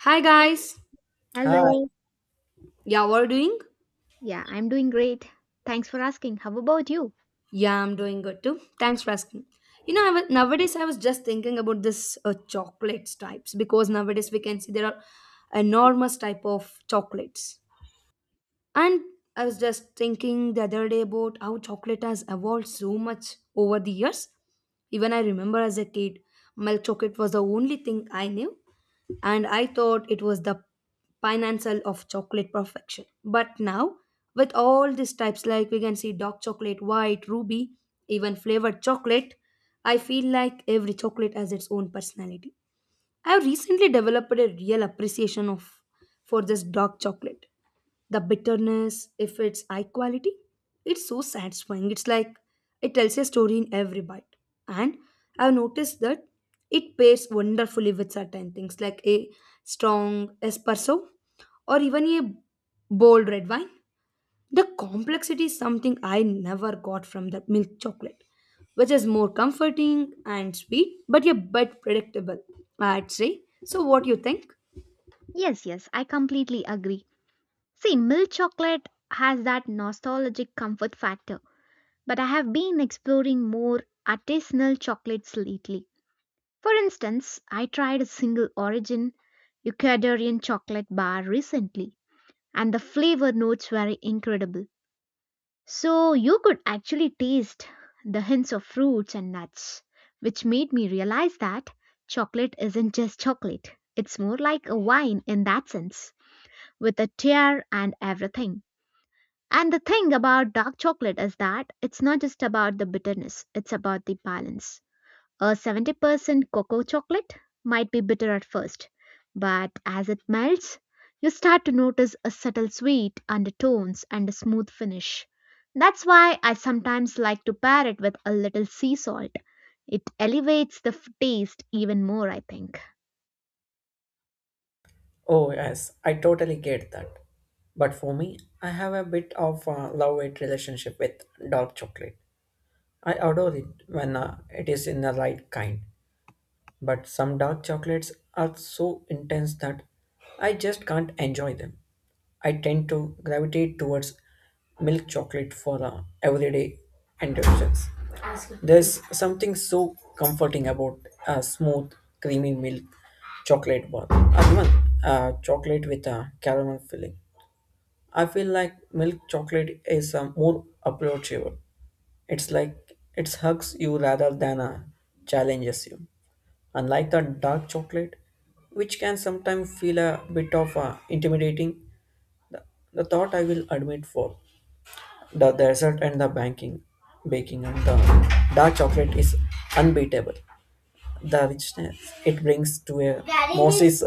Hi guys. Hi. Hello. Yeah, what are you doing? Yeah, I'm doing great. Thanks for asking. How about you? Yeah, I'm doing good too. Thanks for asking. I was, nowadays I was just thinking about this chocolates types because nowadays we can see there are enormous type of chocolates. And I was just thinking the other day about how chocolate has evolved so much over the years. Even I remember as a kid, milk chocolate was the only thing I knew, and I thought it was the pinnacle of chocolate perfection. But now, with all these types, like we can see dark chocolate, white, ruby, even flavored chocolate, I feel like every chocolate has its own personality. I have recently developed a real appreciation of for this dark chocolate, the bitterness, if it's high quality, it's so satisfying. It's like it tells a story in every bite. And I've noticed that it pairs wonderfully with certain things, like a strong espresso or even a bold red wine. The complexity is something I never got from the milk chocolate, which is more comforting and sweet but a bit predictable, I'd say. So what do you think? Yes, yes, I completely agree. See, milk chocolate has that nostalgic comfort factor, but I have been exploring more artisanal chocolates lately. For instance, I tried a single origin Ecuadorian chocolate bar recently, and the flavor notes were incredible. So you could actually taste the hints of fruits and nuts, which made me realize that chocolate isn't just chocolate. It's more like a wine in that sense, with a tear and everything. And the thing about dark chocolate is that it's not just about the bitterness, it's about the balance. A 70% cocoa chocolate might be bitter at first, but as it melts, you start to notice a subtle sweet undertones and a smooth finish. That's why I sometimes like to pair it with a little sea salt. It elevates the taste even more, I think. Oh, yes, I totally get that. But for me, I have a bit of a love-hate relationship with dark chocolate. I adore it when it is in the right kind. But some dark chocolates are so intense that I just can't enjoy them. I tend to gravitate towards milk chocolate for everyday indulgence. There's something so comforting about a smooth, creamy milk chocolate bar. Or even chocolate with a caramel filling. I feel like milk chocolate is more approachable. It's like it hugs you rather than challenges you. Unlike the dark chocolate, which can sometimes feel a bit of intimidating, the, the thought I will admit for the dessert and the banking, baking and the dark chocolate is unbeatable, the richness it brings to a Moses.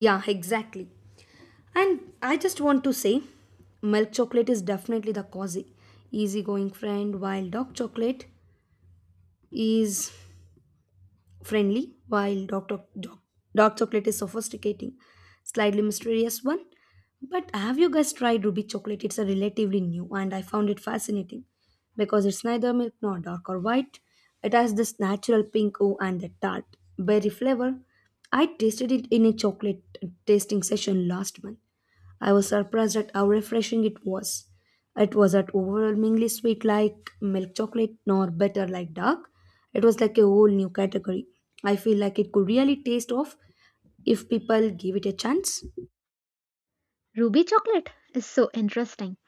Yeah, exactly. And I just want to say, milk chocolate is definitely the cozy, easygoing friend, while dark chocolate is friendly, while dark chocolate is sophisticating, slightly mysterious one. But have you guys tried ruby chocolate? It's a relatively new, and I found it fascinating because it's neither milk nor dark or white. It has this natural pink oh and the tart berry flavor. I tasted it in a chocolate tasting session last month. I was surprised at how refreshing it was. It wasn't overwhelmingly sweet like milk chocolate nor bitter like dark. It was like a whole new category. I feel like it could really taste off if people give it a chance. Ruby chocolate is so interesting.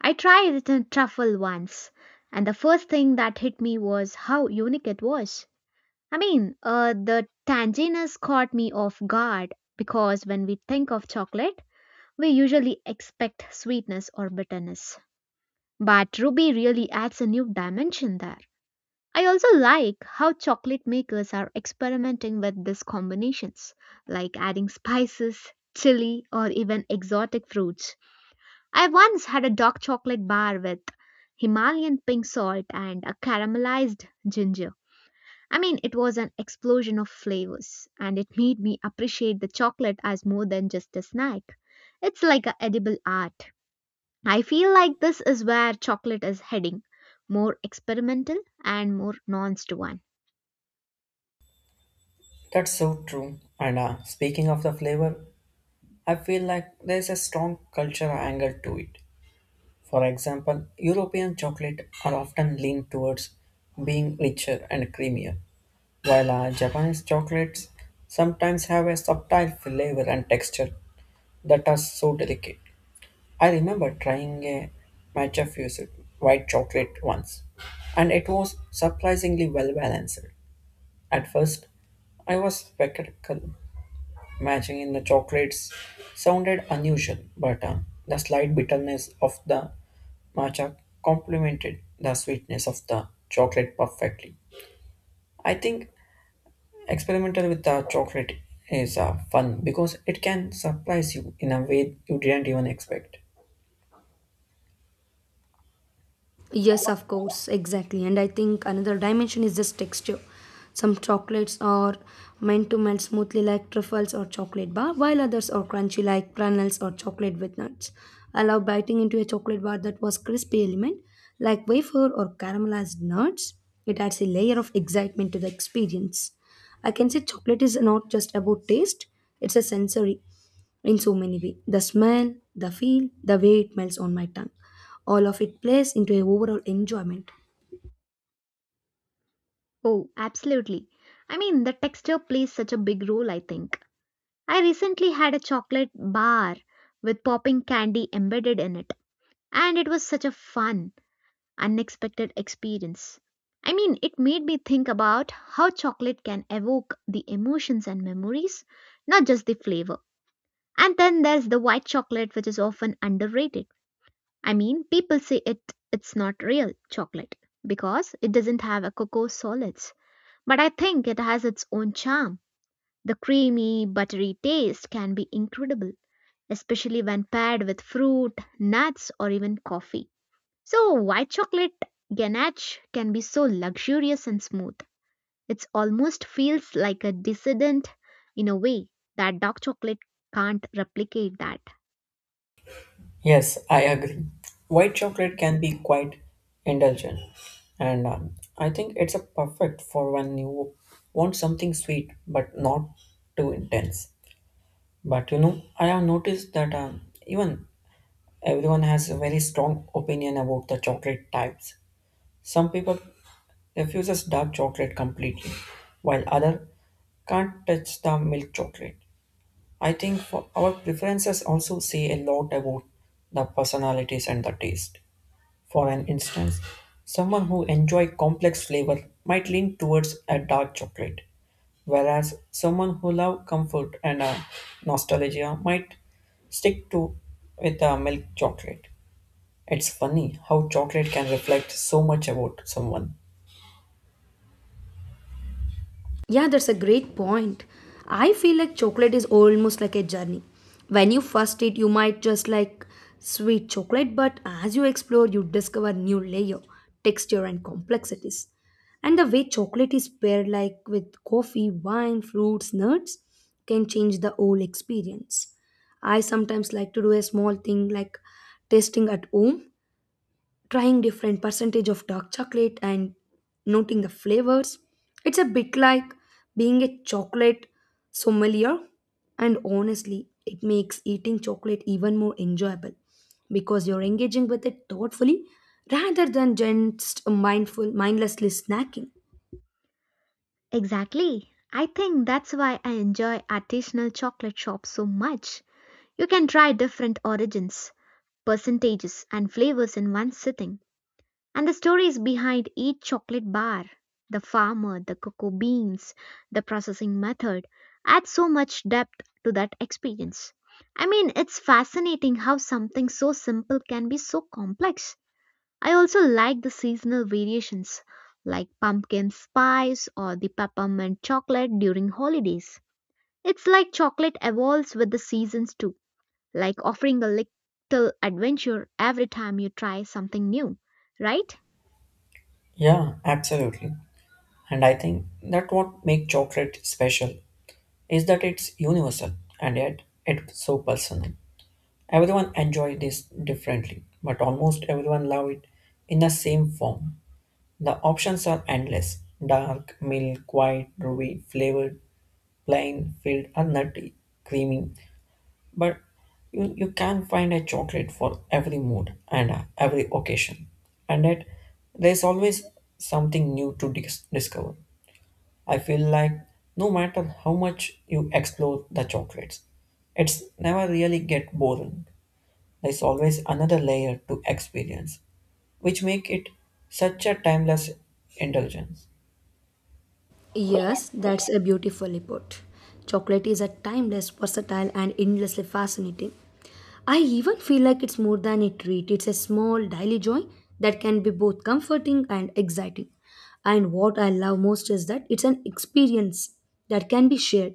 I tried it in truffle once, and the first thing that hit me was how unique it was. I mean, the tanginess caught me off guard because when we think of chocolate, we usually expect sweetness or bitterness. But Ruby really adds a new dimension there. I also like how chocolate makers are experimenting with these combinations, like adding spices, chili, or even exotic fruits. I once had a dark chocolate bar with Himalayan pink salt and a caramelized ginger. I mean, it was an explosion of flavors, and it made me appreciate the chocolate as more than just a snack. It's like an edible art. I feel like this is where chocolate is heading, more experimental and more nuanced one. That's so true. And speaking of the flavor, I feel like there's a strong cultural angle to it. For example, European chocolate are often lean towards being richer and creamier, while Japanese chocolates sometimes have a subtle flavor and texture that are so delicate. I remember trying a matcha fused white chocolate once, and it was surprisingly well balanced. At first, I was skeptical. Matching in the chocolates sounded unusual, but the slight bitterness of the matcha complemented the sweetness of the chocolate perfectly. I think experimental with the chocolate is fun because it can surprise you in a way you didn't even expect. Yes, of course, exactly. And I think another dimension is just texture. Some chocolates are meant to melt smoothly like truffles or chocolate bar, while others are crunchy like kernels or chocolate with nuts. I love biting into a chocolate bar that was crispy element, like wafer or caramelized nuts. It adds a layer of excitement to the experience. I can say chocolate is not just about taste, it's a sensory in so many ways. The smell, the feel, the way it melts on my tongue, all of it plays into a overall enjoyment. Oh, absolutely. I mean, the texture plays such a big role, I think. I recently had a chocolate bar with popping candy embedded in it, and it was such a fun, unexpected experience. I mean, it made me think about how chocolate can evoke the emotions and memories, not just the flavor. And then there's the white chocolate, which is often underrated. I mean, people say it's not real chocolate because it doesn't have a cocoa solids. But I think it has its own charm. The creamy, buttery taste can be incredible, especially when paired with fruit, nuts, or even coffee. So, white chocolate ganache can be so luxurious and smooth. It almost feels like a dissident in a way that dark chocolate can't replicate that. Yes, I agree. White chocolate can be quite indulgent, and I think it's a perfect for when you want something sweet but not too intense. But you know, I have noticed that even everyone has a very strong opinion about the chocolate types. Some people refuses dark chocolate completely, while other can't touch the milk chocolate. I think for our preferences also say a lot about the personalities and the taste. For an instance, someone who enjoys complex flavor might lean towards a dark chocolate, whereas someone who loves comfort and nostalgia might stick to with a milk chocolate. It's funny how chocolate can reflect so much about someone. Yeah, that's a great point. I feel like chocolate is almost like a journey. When you first eat, you might just like sweet chocolate, but as you explore, you discover new layer, texture, and complexities. And the way chocolate is paired, like with coffee, wine, fruits, nuts, can change the whole experience. I sometimes like to do a small thing like tasting at home, trying different percentage of dark chocolate and noting the flavors. It's a bit like being a chocolate sommelier, and honestly it makes eating chocolate even more enjoyable because you're engaging with it thoughtfully rather than just mindful mindlessly snacking. Exactly. I think that's why I enjoy artisanal chocolate shops so much. You can try different origins, percentages, and flavors in one sitting. And the stories behind each chocolate bar, the farmer, the cocoa beans, the processing method, add so much depth to that experience. I mean, it's fascinating how something so simple can be so complex. I also like the seasonal variations, like pumpkin spice or the peppermint chocolate during holidays. It's like chocolate evolves with the seasons too, like offering a little adventure every time you try something new, right? Yeah, absolutely. And I think that what makes chocolate special is that it's universal and yet it's so personal. Everyone enjoyed this differently, but almost everyone loved it in the same form. The options are endless: dark, milk, white, ruby, flavored, plain, filled, or nutty, creamy. But you can find a chocolate for every mood and every occasion. And yet, there's always something new to discover. I feel like no matter how much you explore the chocolates, it's never really get boring. There's always another layer to experience, which make it such a timeless indulgence. Yes, that's a beautifully put. Chocolate is a timeless, versatile, and endlessly fascinating. I even feel like it's more than a treat. It's a small daily joy that can be both comforting and exciting. And what I love most is that it's an experience that can be shared.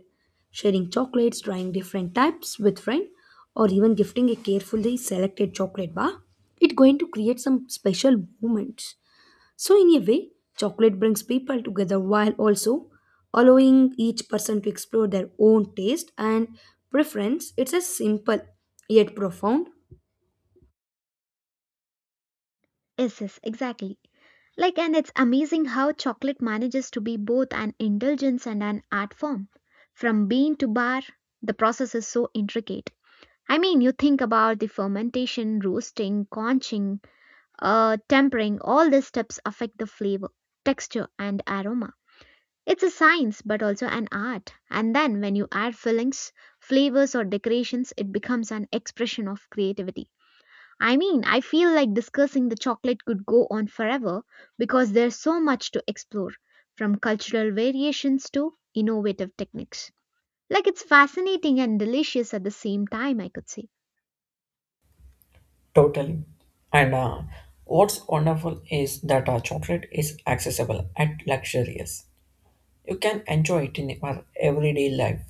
Sharing chocolates, trying different types with friends, or even gifting a carefully selected chocolate bar, it's going to create some special moments. So, in a way, chocolate brings people together while also allowing each person to explore their own taste and preference. It's a simple yet profound. Yes, yes, exactly. Like, and it's amazing how chocolate manages to be both an indulgence and an art form. From bean to bar, the process is so intricate. I mean, you think about the fermentation, roasting, conching, tempering, all these steps affect the flavor, texture, and aroma. It's a science, but also an art. And then when you add fillings, flavors, or decorations, it becomes an expression of creativity. I mean, I feel like discussing the chocolate could go on forever because there's so much to explore, from cultural variations to innovative techniques. Like it's fascinating and delicious at the same time, I could say. Totally. And what's wonderful is that chocolate is accessible and luxurious. You can enjoy it in your everyday life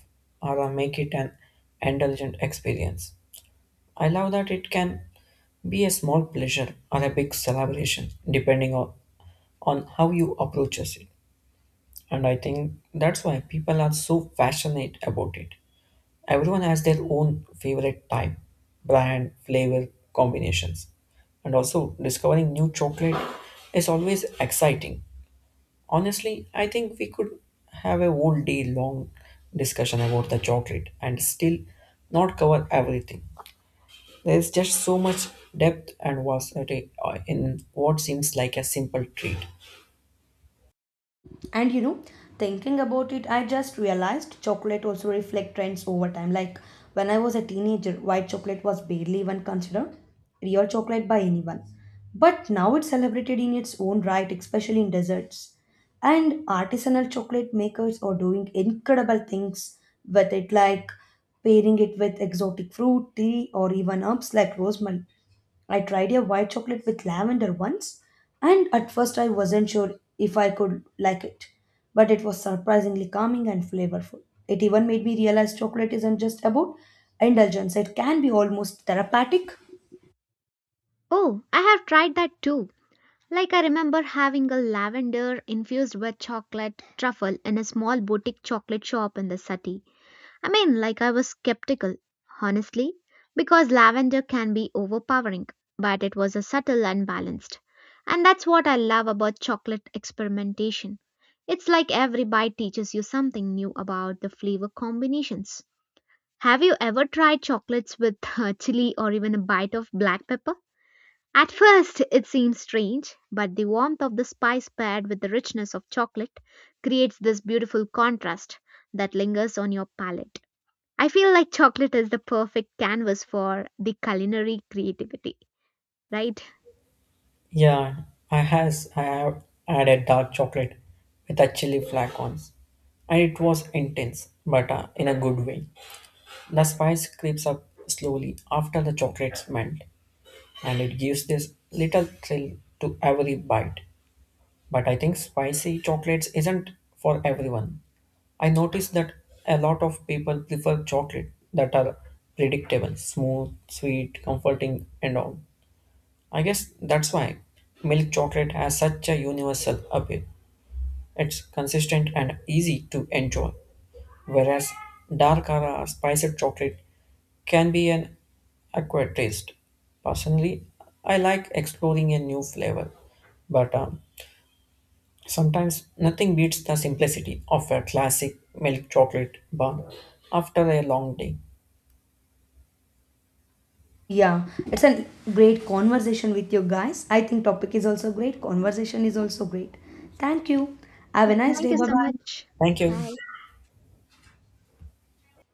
or make it an indulgent experience. I love that it can be a small pleasure or a big celebration, depending on how you approaches it. And I think that's why people are so passionate about it. Everyone has their own favorite type, brand, flavor combinations, and also discovering new chocolate is always exciting. Honestly, I think we could have a whole day long discussion about the chocolate and still not cover everything. There is just so much depth and versatility in what seems like a simple treat. And you know, thinking about it, I just realized chocolate also reflect trends over time, like when I was a teenager white chocolate was barely even considered real chocolate by anyone, but now it's celebrated in its own right, especially in desserts. And artisanal chocolate makers are doing incredible things with it, like pairing it with exotic fruit tea or even herbs like rosemary. I tried a white chocolate with lavender once, and at first I wasn't sure if I could like it, but it was surprisingly calming and flavorful. It even made me realize chocolate isn't just about indulgence, it can be almost therapeutic. Oh, I have tried that too. Like I remember having a lavender infused with chocolate truffle in a small boutique chocolate shop in the city. I mean, like I was skeptical, honestly, because lavender can be overpowering, but it was a subtle and balanced. And that's what I love about chocolate experimentation. It's like every bite teaches you something new about the flavor combinations. Have you ever tried chocolates with chili or even a bite of black pepper? At first, it seems strange, but the warmth of the spice paired with the richness of chocolate creates this beautiful contrast that lingers on your palate. I feel like chocolate is the perfect canvas for the culinary creativity, right? Yeah, I have had a dark chocolate with a chili flake once, and it was intense, but in a good way. The spice creeps up slowly after the chocolate's melt, and it gives this little thrill to every bite. But I think spicy chocolates isn't for everyone. I noticed that a lot of people prefer chocolate that are predictable, smooth, sweet, comforting, and all. I guess that's why milk chocolate has such a universal appeal. It's consistent and easy to enjoy, whereas dark or spiced chocolate can be an acquired taste. Personally, I like exploring a new flavor, but sometimes nothing beats the simplicity of a classic milk chocolate bar after a long day. Yeah, it's a great conversation with you guys. I think topic is also great, conversation is also great. Thank you. Have a Yeah, nice thank day. you Bye so bye. much. Thank you. Bye.